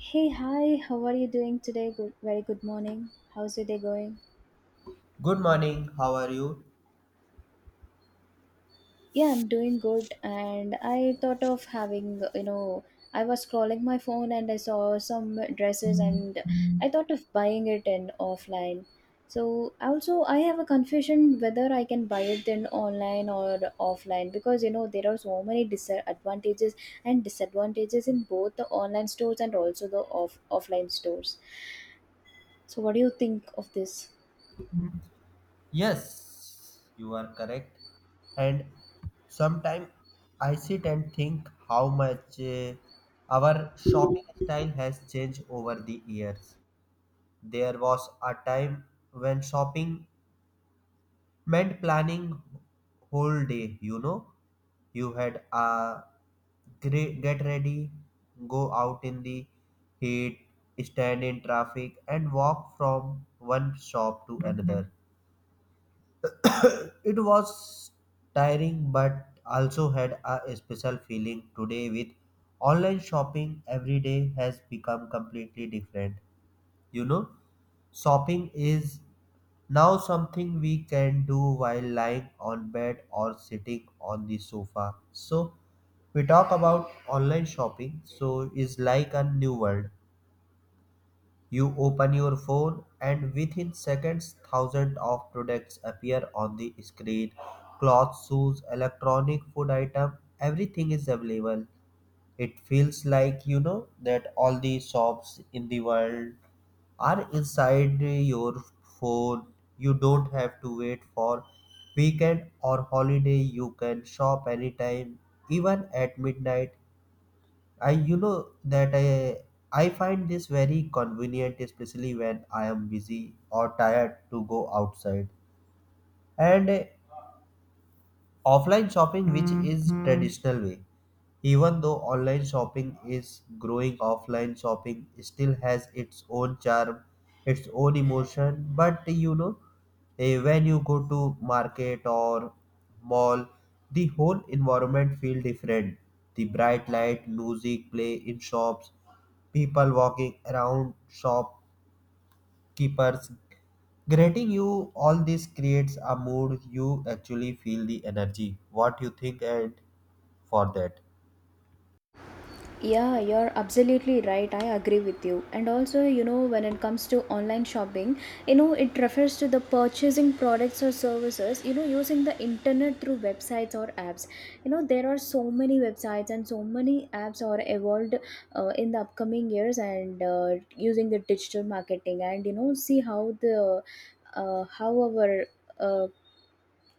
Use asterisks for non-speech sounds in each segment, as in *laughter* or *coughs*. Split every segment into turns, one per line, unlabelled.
Hey, hi, how are you doing today? Good, very good morning. How's your day going?
Good morning, how are you?
Yeah, I'm doing good. And I thought of I was scrolling my phone and I saw some dresses and I thought of buying it in offline. So also I have a confusion whether I can buy it in online or offline because you know there are so many disadvantages and disadvantages in both the online stores and also the offline stores. So what do you think of this?
Yes, you are correct. And sometimes I sit and think how much our shopping style has changed over the years. There was a time when shopping meant planning whole day, you know. You had a get ready, go out in the heat, stand in traffic, and walk from one shop to another. *coughs* It was tiring but also had a special feeling today. With online shopping every day has become completely different. You know, shopping is now something we can do while lying on bed or sitting on the sofa. So we talk about online shopping, so is like a new world. You open your phone, and within seconds, thousands of products appear on the screen. Clothes, shoes, electronic food item, everything is available. It feels like you know that all the shops in the world are inside your phone. You don't have to wait for weekend or holiday. You can shop anytime, even at midnight. I you know that I find this very convenient, especially when I am busy or tired to go outside. And offline shopping, which is traditional way, even though online shopping is growing, offline shopping still has its own charm, its own emotion. But you know, when you go to market or mall, the whole environment feel different. The bright light, music play in shops, people walking around, shopkeepers granting you all this creates a mood. You actually feel the energy. What you think and for that.
Yeah, you're absolutely right. I agree with you. And also, you know, when it comes to online shopping, you know, it refers to the purchasing products or services, you know, using the internet through websites or apps. You know, there are so many websites and so many apps are evolved in the upcoming years, and using the digital marketing and, you know, see how the how our uh,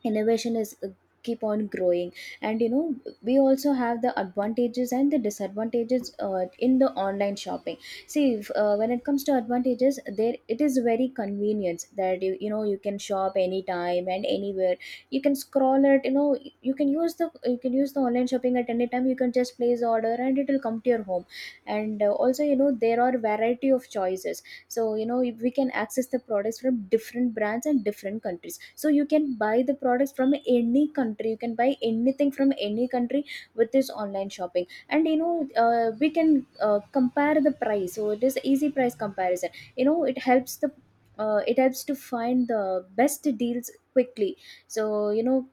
innovation is keep on growing. And you know we also have the advantages and the disadvantages in the online shopping. See, if, when it comes to advantages, there it is very convenient that you know you can shop anytime and anywhere, you can scroll it, you know, you can use the online shopping at any time, you can just place order and it will come to your home. And also, you know, there are variety of choices, so you know we can access the products from different brands and different countries, so you can buy the products from any country, you can buy anything from any country with this online shopping. And you know, we can compare the price, so it is easy price comparison, you know, it helps the it helps to find the best deals quickly. So you know,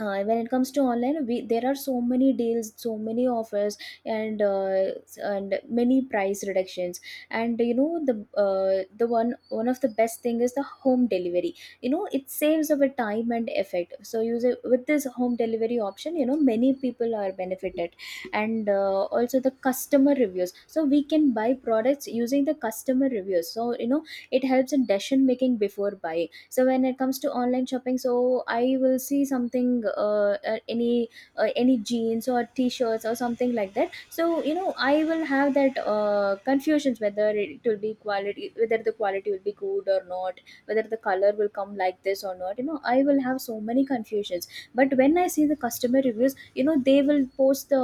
when it comes to online, we there are so many deals, so many offers, and many price reductions. And you know the one of the best thing is the home delivery, you know it saves our time and effort, so use it with this home delivery option, you know many people are benefited. And also the customer reviews, so we can buy products using the customer reviews, so you know it helps in decision making before buying. So when it comes to online shopping, so I will see something any jeans or t-shirts or something like that, so you know I will have that confusions whether it will be quality, whether the quality will be good or not, whether the color will come like this or not, you know I will have so many confusions. But when I see the customer reviews, you know they will post the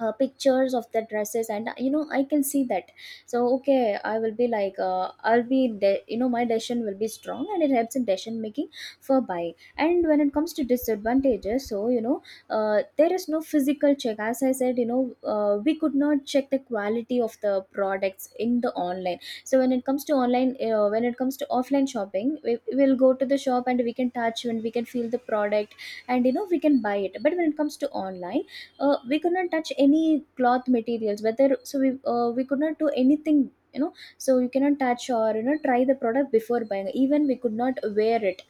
pictures of the dresses, and you know I can see that. So okay, I will be like you know my decision will be strong and it helps in decision making for buy. And when it comes to disadvantages, so you know there is no physical check. As I said, you know we could not check the quality of the products in the online. So when it comes to online, when it comes to offline shopping, we will go to the shop and we can touch and we can feel the product, and you know we can buy it. But when it comes to online, we could not touch any cloth materials whether, so we could not do anything, you know. So you cannot touch or you know try the product before buying, even we could not wear it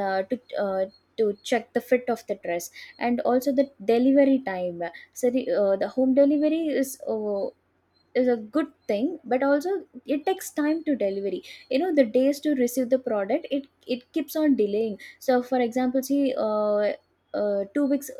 uh, to uh, to check the fit of the dress. And also the delivery time, so the home delivery is a good thing, but also it takes time to delivery, you know the days to receive the product, it keeps on delaying. So for example, see 2 weeks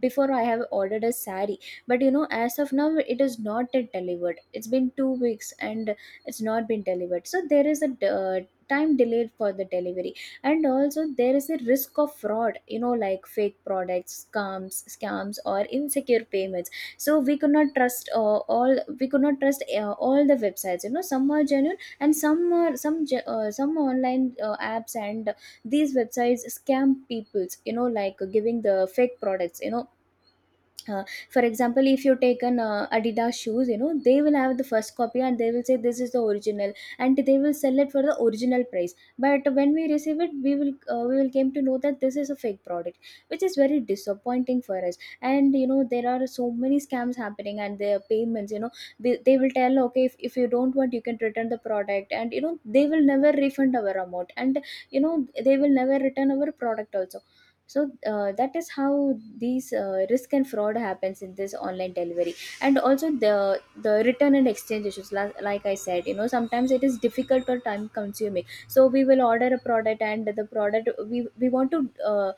before I have ordered a sari, but you know as of now it is not yet delivered, it's been 2 weeks and it's not been delivered. So there is a uh, time delayed for the delivery. And also there is a risk of fraud, you know, like fake products, scams or insecure payments. So we could not trust all we could not trust all the websites, you know some are genuine and some are some online apps and these websites scam peoples, you know, like giving the fake products, you know. uh, for example, if you take an Adidas shoes, you know they will have the first copy and they will say this is the original, and they will sell it for the original price. But when we receive it, we will we will came to know that this is a fake product, which is very disappointing for us. And you know there are so many scams happening, and their payments, you know, they will tell okay, if you don't want you can return the product, and you know they will never refund our amount, and you know they will never return our product also. So that is how these risk and fraud happens in this online delivery. And also the return and exchange issues, like I said, you know sometimes it is difficult or time consuming, so we will order a product and the product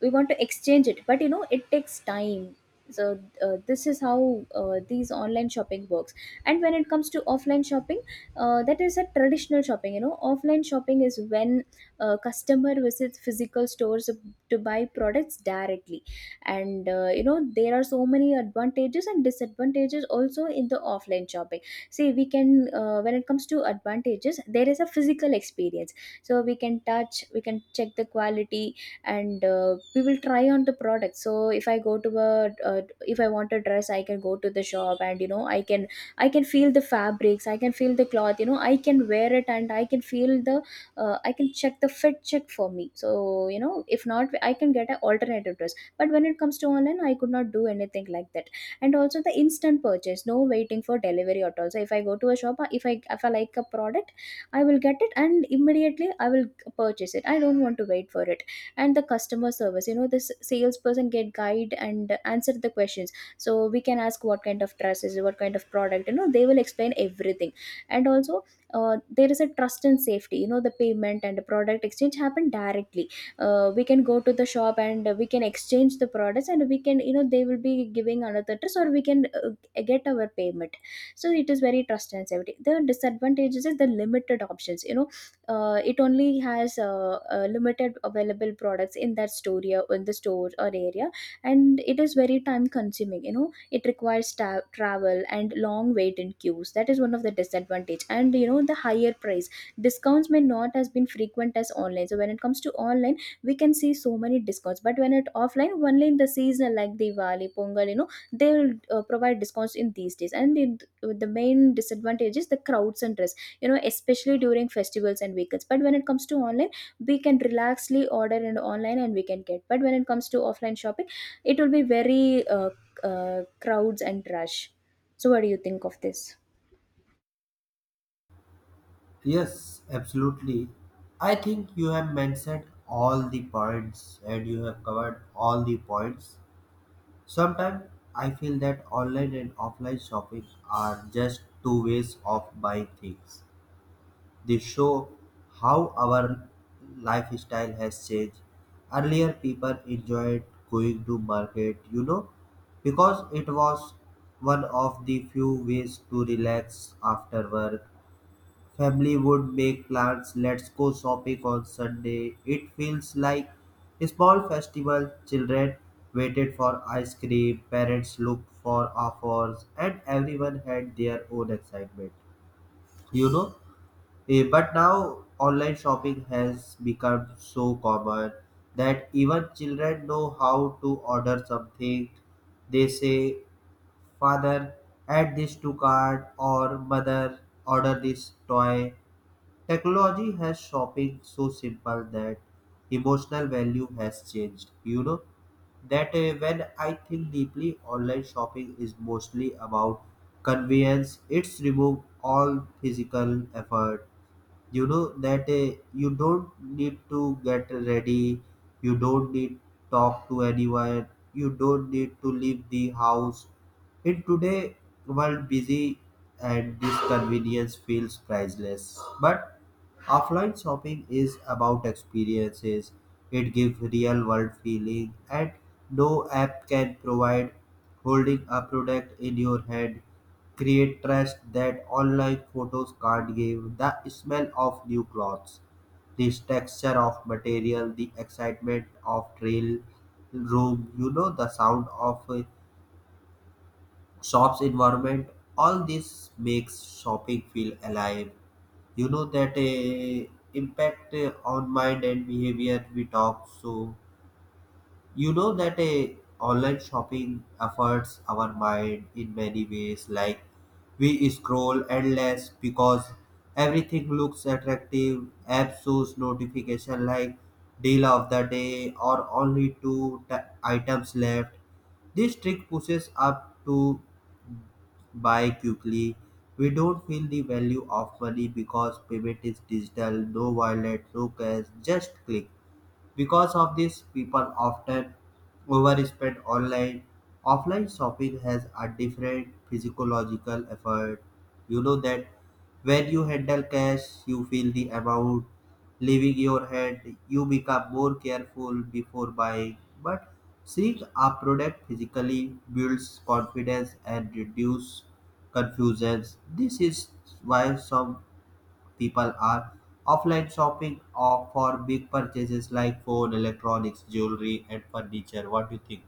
we want to exchange it, but you know it takes time. So this is how these online shopping works. And when it comes to offline shopping, that is a traditional shopping, you know offline shopping is when customer visits physical stores to buy products directly. And you know there are so many advantages and disadvantages also in the offline shopping. See, we can when it comes to advantages, there is a physical experience, so we can touch, we can check the quality, and we will try on the product. So if I go to a if I want a dress, I can go to the shop and you know I can feel the fabrics, I can feel the cloth, you know I can wear it and I can feel the I can check the fit check for me. So you know, if not, I can get an alternative dress, but when it comes to online I could not do anything like that. And also the instant purchase, no waiting for delivery at all. So if I go to a shop, if I like a product, I will get it and immediately I will purchase it, I don't want to wait for it. And the customer service, you know this salesperson get guide and answer the questions, so we can ask what kind of dress is it, what kind of product, you know they will explain everything. And also there is a trust and safety, you know the payment and the product exchange happen directly, we can go to the shop and we can exchange the products and we can, you know they will be giving another trust or we can get our payment. So it is very trust and safety. The disadvantages is the limited options, you know it only has limited available products in that store or in the store or area. And it is very time consuming, you know it requires travel and long wait in queues, that is one of the disadvantage. And you know the higher price, discounts may not as been frequent as online. So when it comes to online we can see so many discounts, but when it offline only in the season like Diwali Pongal, you know they will provide discounts in these days. And in, the main disadvantage is the crowds, and you know especially during festivals and weekends. But when it comes to online we can relaxly order and online and we can get, but when it comes to offline shopping it will be very crowds and rush. So what do you think of this?
Yes, absolutely. I think you have mentioned all the points and you have covered all the points. Sometimes I feel that online and offline shopping are just two ways of buying things. They show how our lifestyle has changed. Earlier, people enjoyed going to market, you know, because it was one of the few ways to relax after work. Family would make plans, let's go shopping on Sunday. It feels like a small festival. Children waited for ice cream, parents looked for offers, and everyone had their own excitement. You know, but now online shopping has become so common that even children know how to order something. They say, Father, add this to cart, or Mother, order this toy. Technology has shopping so simple that emotional value has changed. You know that when I think deeply, online shopping is mostly about convenience. It's remove all physical effort. You know that you don't need to get ready, you don't need talk to anyone, you don't need to leave the house in today world busy, and this convenience feels priceless. But offline shopping is about experiences. It gives real world feeling and no app can provide holding a product in your hand. Create trust that online photos can't give, the smell of new clothes, this texture of material, the excitement of trail room, you know, the sound of shops environment, all this makes shopping feel alive. You know that impact on mind and behavior we talk. So you know that a online shopping affects our mind in many ways. Like we scroll endless because everything looks attractive. App shows notification like deal of the day or only items left. This trick pushes up to buy quickly. We don't feel the value of money because payment is digital, no wallet, no cash, just click. Because of this, people often overspend online. Offline shopping has a different physiological effort. You know that when you handle cash, you feel the amount leaving your hand. You become more careful before buying. But seeing a product physically builds confidence and reduces confusions. This is why some people are offline shopping or for big purchases like phone, electronics, jewelry, and furniture. What do you think?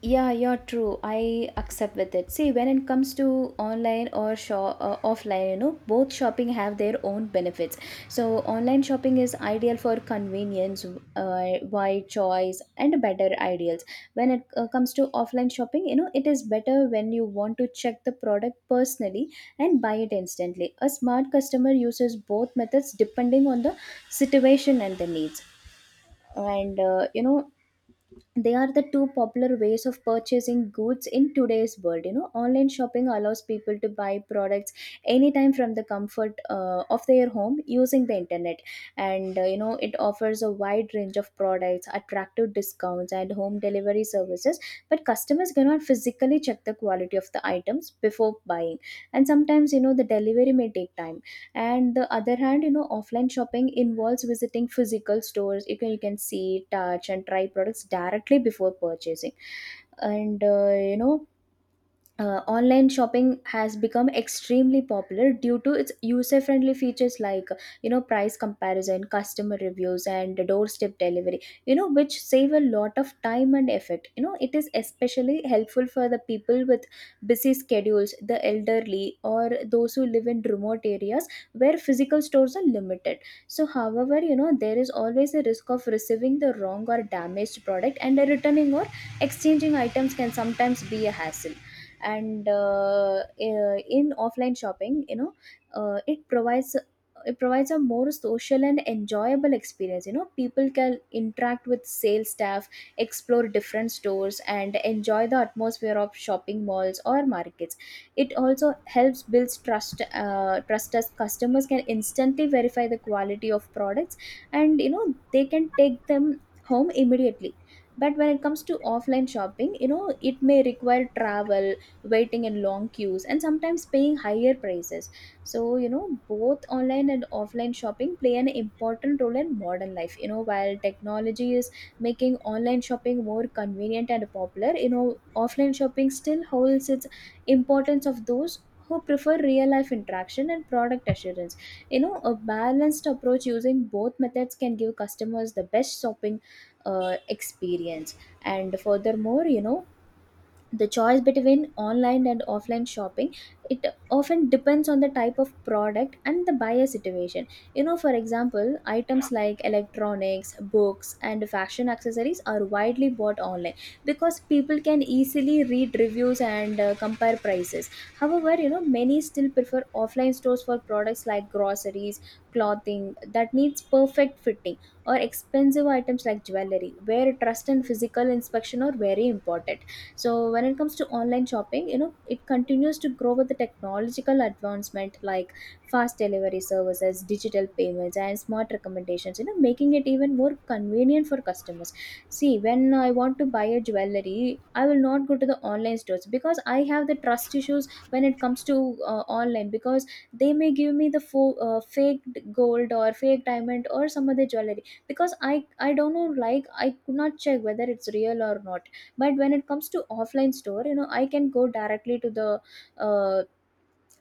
Yeah, you're true. I accept with it. See, when it comes to online or shop, offline, you know, both shopping have their own benefits. So, online shopping is ideal for convenience, wide choice, and better ideals. When it comes to offline shopping, you know, it is better when you want to check the product personally and buy it instantly. A smart customer uses both methods depending on the situation and the needs and they are the two popular ways of purchasing goods in today's world. You know, online shopping allows people to buy products anytime from the comfort of their home using the internet, and it offers a wide range of products, attractive discounts, and home delivery services, but customers cannot physically check the quality of the items before buying, and sometimes, you know, the delivery may take time. And the other hand, you know, offline shopping involves visiting physical stores. You can you can see, touch, and try products directly before purchasing. And you know Online shopping has become extremely popular due to its user friendly features like, you know, price comparison, customer reviews, and doorstep delivery, you know, which save a lot of time and effort. You know, it is especially helpful for the people with busy schedules, the elderly, or those who live in remote areas where physical stores are limited. So however, you know, there is always a risk of receiving the wrong or damaged product, and the returning or exchanging items can sometimes be a hassle. In offline shopping, you know, uh, it provides it provides a more social and enjoyable experience. You know, people can interact with sales staff, explore different stores, and enjoy the atmosphere of shopping malls or markets. It also helps builds trust, trust, as customers can instantly verify the quality of products, and you know, they can take them home immediately. But when it comes to offline shopping, you know, it may require travel, waiting in long queues, and sometimes paying higher prices. So you know, both online and offline shopping play an important role in modern life. You know, while technology is making online shopping more convenient and popular, you know, offline shopping still holds its importance of those who prefer real life interaction and product assurance. You know, a balanced approach using both methods can give customers the best shopping experience. And furthermore, you know, the choice between online and offline shopping, it often depends on the type of product and the buyer situation. You know, for example, items like electronics, books, and fashion accessories are widely bought online because people can easily read reviews and compare prices. However, you know, many still prefer offline stores for products like groceries, clothing that needs perfect fitting, or expensive items like jewelry, where trust and physical inspection are very important. So when it comes to online shopping, you know, it continues to grow with the technological advancement like fast delivery services, digital payments, and smart recommendations, you know, making it even more convenient for customers. See, when I want to buy a jewelry, I will not go to the online stores because I have the trust issues when it comes to online, because they may give me the fake gold or fake diamond or some other jewelry, because I don't know, like I could not check whether it's real or not. But when it comes to offline store, you know, I can go directly to the uh,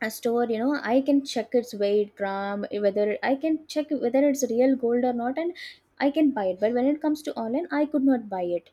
a store. You know, I can check its weight, gram, whether I can check whether it's real gold or not, and I can buy it. But when it comes to online, I could not buy it.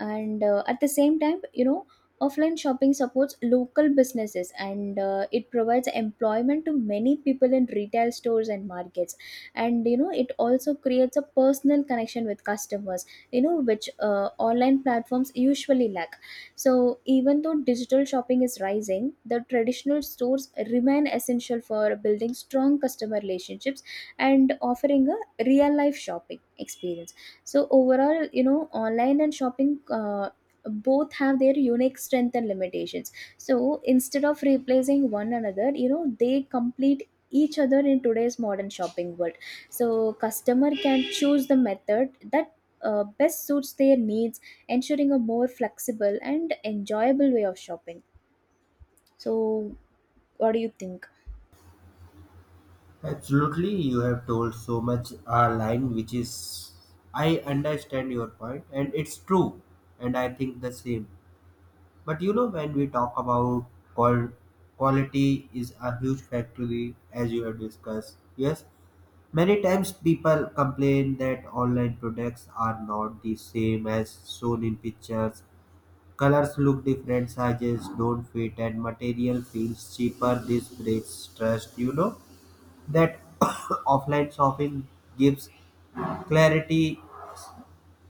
And at the same time, you know, offline shopping supports local businesses, and it provides employment to many people in retail stores and markets, and you know, it also creates a personal connection with customers, you know, which online platforms usually lack. So even though digital shopping is rising, the traditional stores remain essential for building strong customer relationships and offering a real life shopping experience. So overall, you know, online and shopping both have their unique strength and limitations. So instead of replacing one another, you know, they complete each other in today's modern shopping world. So customer can choose the method that best suits their needs, ensuring a more flexible and enjoyable way of shopping. So what do you think?
Absolutely, you have told so much line, which is I understand your point, and it's true, and I think the same. But you know, when we talk about qual- quality is a huge factory, as you have discussed. Yes, many times people complain that online products are not the same as shown in pictures. Colors look different, sizes don't fit, and material feels cheaper. This breeds trust. You know that *coughs* offline shopping gives clarity.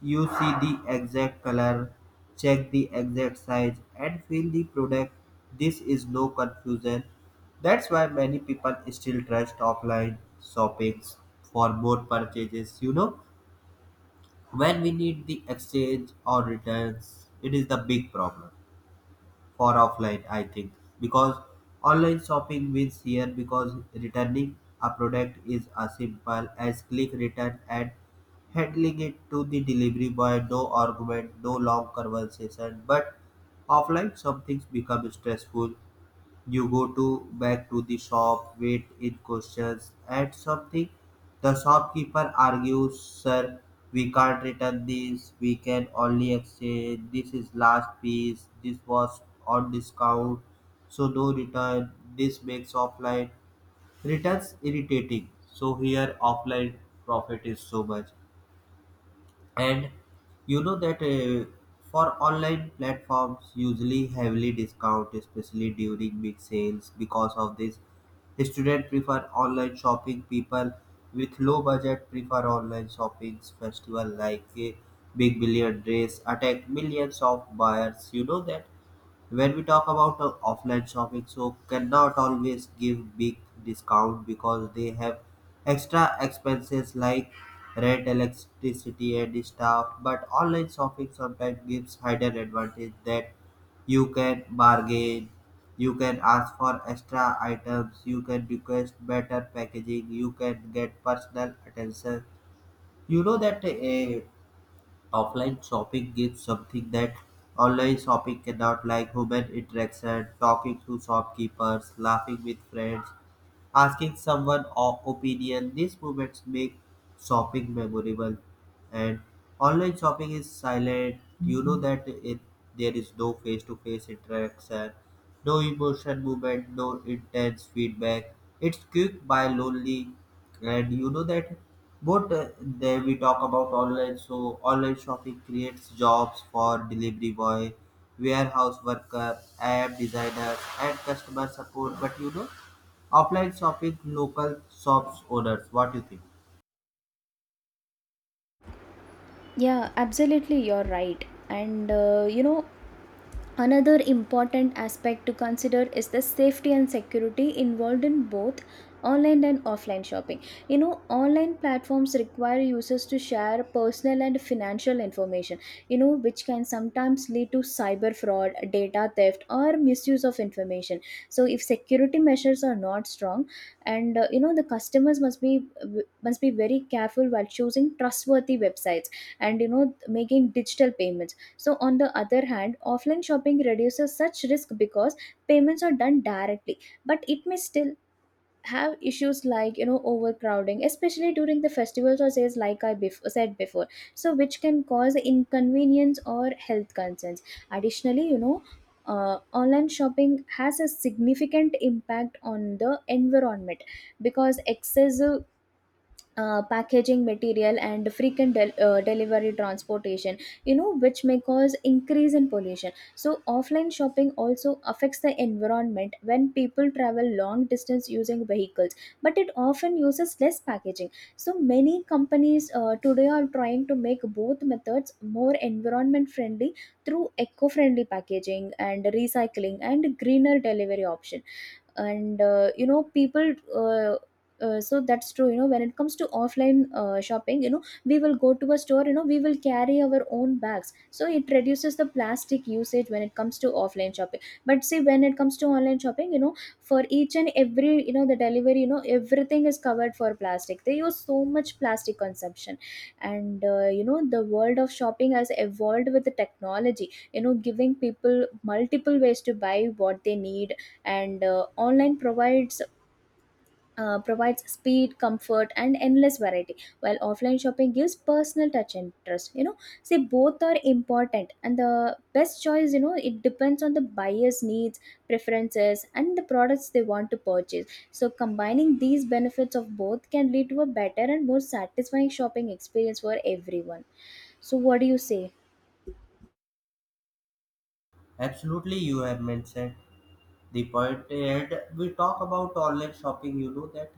You see the exact color, check the exact size, and feel the product. This is no confusion. That's why many people still trust offline shoppings for more purchases. You know, when we need the exchange or returns, it is the big problem for offline, I think, because online shopping wins here because returning a product is as simple as click return and handling it to the delivery boy, no argument, no long conversation. But offline, some things become stressful. You go to back to the shop, wait in questions at something. The shopkeeper argues, Sir, we can't return this, we can only exchange, this is last piece, this was on discount, so no return. This makes offline returns irritating. So here offline profit is so much. And you know that for online platforms usually heavily discount especially during big sales. Because of this, students prefer online shopping, people with low budget prefer online shopping. Festival like big billion days attract millions of buyers. You know that when we talk about offline shopping, so cannot always give big discount because they have extra expenses like rent, electricity, and stuff. But online shopping sometimes gives hidden advantage that you can bargain, you can ask for extra items, you can request better packaging, you can get personal attention. You know that offline shopping gives something that online shopping cannot, like human interaction, talking to shopkeepers, laughing with friends, asking someone opinion. These moments make shopping memorable. And online shopping is silent. You know that it there is no face to face interaction, no emotion movement, no intense feedback. It's quick by lonely. And you know that both there we talk about online. So online shopping creates jobs for delivery boy, warehouse worker, app designers, and customer support. But you know, offline shopping local shops owners. What do you think?
Yeah, absolutely, you're right. And you know, another important aspect to consider is the safety and security involved in both online and offline shopping. You know, online platforms require users to share personal and financial information, you know, which can sometimes lead to cyber fraud, data theft, or misuse of information. So, if security measures are not strong, and you know, the customers must be very careful while choosing trustworthy websites and you know, making digital payments. So, on the other hand, offline shopping reduces such risk because payments are done directly, but it may still have issues like, you know, overcrowding, especially during the festivals or sales, like I said before, so which can cause inconvenience or health concerns. Additionally, you know, online shopping has a significant impact on the environment because excessive packaging material and frequent delivery transportation, you know, which may cause increase in pollution. So offline shopping also affects the environment when people travel long distance using vehicles, but it often uses less packaging. So many companies today are trying to make both methods more environment friendly through eco friendly packaging and recycling and greener delivery option. And you know people So that's true, you know, when it comes to offline shopping, you know, we will go to a store, you know, we will carry our own bags, so it reduces the plastic usage when it comes to offline shopping. But see, when it comes to online shopping, you know, for each and every, you know, the delivery, you know, everything is covered for plastic, they use so much plastic consumption. And you know, the world of shopping has evolved with the technology, you know, giving people multiple ways to buy what they need. And online provides speed, comfort, and endless variety, while offline shopping gives personal touch and trust. You know, see, both are important, and the best choice, you know, it depends on the buyer's needs, preferences, and the products they want to purchase. So combining these benefits of both can lead to a better and more satisfying shopping experience for everyone. So what do you say?
Absolutely, you have mentioned the point. And we talk about online shopping. You know that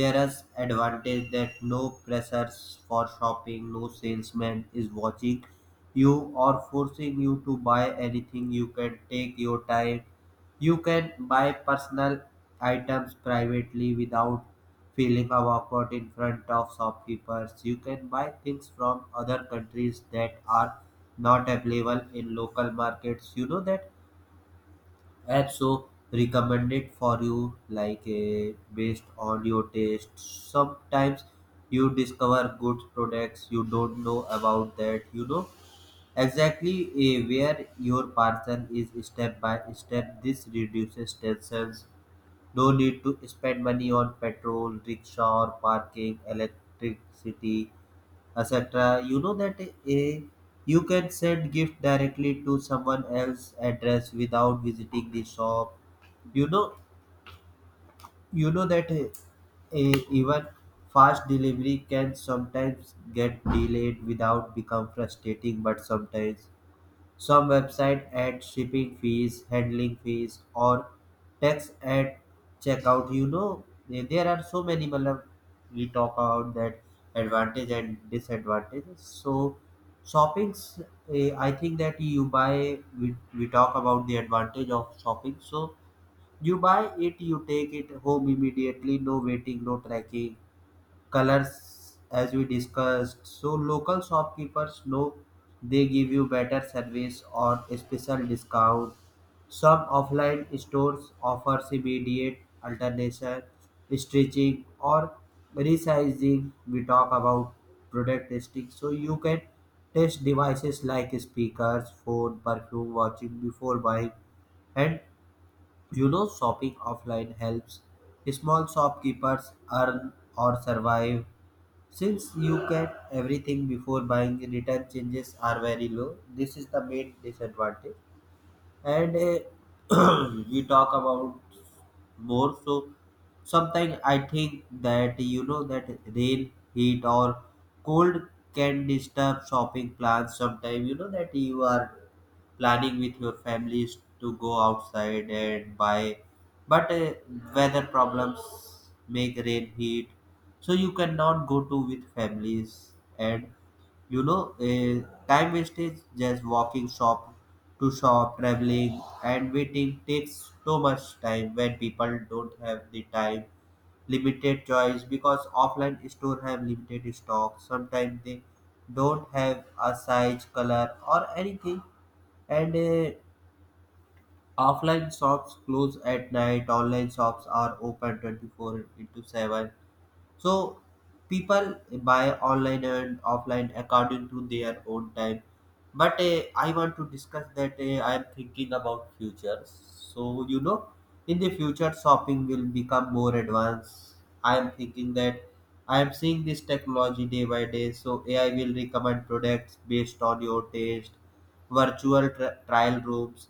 there is advantage that no pressures for shopping, no salesman is watching you or forcing you to buy anything. You can take your time, you can buy personal items privately without feeling awkward in front of shopkeepers. You can buy things from other countries that are not available in local markets. You know that, and also recommended for you like a based on your taste. Sometimes you discover good products you don't know about that. You know exactly where your parcel is step by step. This reduces tensions. No need to spend money on petrol rickshaw or parking electricity, etc. You know that a you can send gift directly to someone else's address without visiting the shop. You know, you know that a even fast delivery can sometimes get delayed without become frustrating. But sometimes some websites add shipping fees, handling fees, or tax at checkout. You know, there are so many. Matlab, we talk about that advantage and disadvantages. So, shoppings. I think that you buy. We talk about the advantage of shopping. So you buy it, you take it home immediately. No waiting, no tracking, colors as we discussed. So local shopkeepers know they give you better service or a special discount. Some offline stores offers immediate alternation, stretching or resizing. We talk about product testing. So you can test devices like speakers, phone, perfume, watching before buying. And you know shopping offline helps small shopkeepers earn or survive. Since you get everything before buying, return changes are very low. This is the main disadvantage. And *clears throat* we talk about more. So sometimes I think that you know that rain, heat, or cold can disturb shopping plans. Sometimes you know that you are planning with your families to go outside and buy, but weather problems make rain heat, so you cannot go to with families. And you know, uh, time wastage just walking shop to shop, traveling and waiting takes so much time when people don't have the time. Limited choice because offline store have limited stock, sometimes they don't have a size color or anything. And offline shops close at night, online shops are open 24 into 7. So people buy online and offline according to their own time. But I want to discuss that I am thinking about futures. So you know, in the future, shopping will become more advanced. I am thinking that I am seeing this technology day by day. So AI will recommend products based on your taste. Virtual trial rooms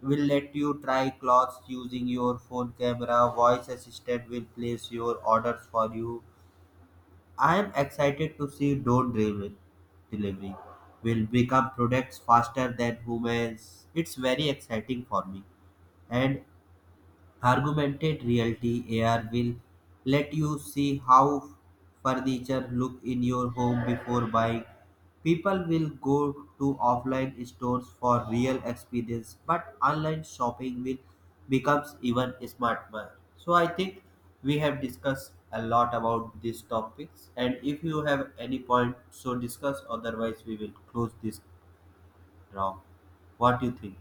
will let you try clothes using your phone camera. Voice assistant will place your orders for you. I am excited to see drone driven delivery will become products faster than humans. It's very exciting for me. And Augmented reality AR will let you see how furniture look in your home before buying. People will go to offline stores for real experience, but online shopping will becomes even smarter. So I think we have discussed a lot about these topics, and if you have any point so discuss, otherwise we will close this round. What do you think?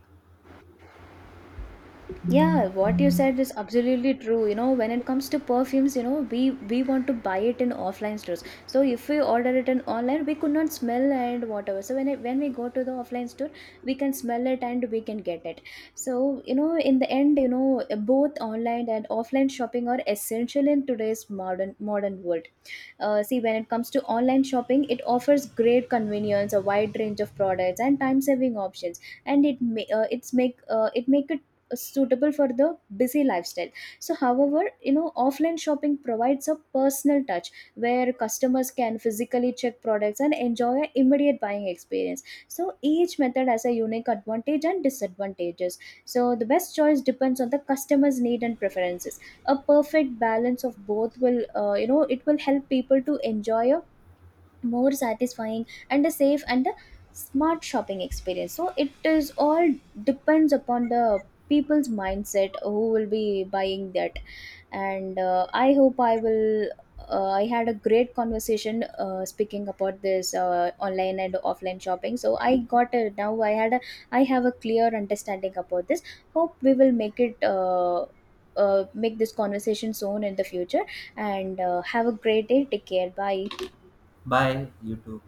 Yeah, what you said is absolutely true. You know, when it comes to perfumes, you know, we want to buy it in offline stores. So if we order it in online, we could not smell and whatever. So when we go to the offline store, we can smell it and we can get it. So you know, in the end, you know, both online and offline shopping are essential in today's modern world. See, when it comes to online shopping, it offers great convenience, a wide range of products, and time saving options, and it make it suitable for the busy lifestyle. So however, you know, offline shopping provides a personal touch where customers can physically check products and enjoy an immediate buying experience. So each method has a unique advantage and disadvantages. So the best choice depends on the customer's need and preferences. A perfect balance of both will, you know, it will help people to enjoy a more satisfying and a safe and a smart shopping experience. So it is all depends upon the people's mindset who will be buying that. And I hope I will, I had a great conversation speaking about this online and offline shopping. So I got a, now I have a clear understanding about this. Hope we will make it, make this conversation soon in the future. And have a great day, take care, bye.
Bye you too.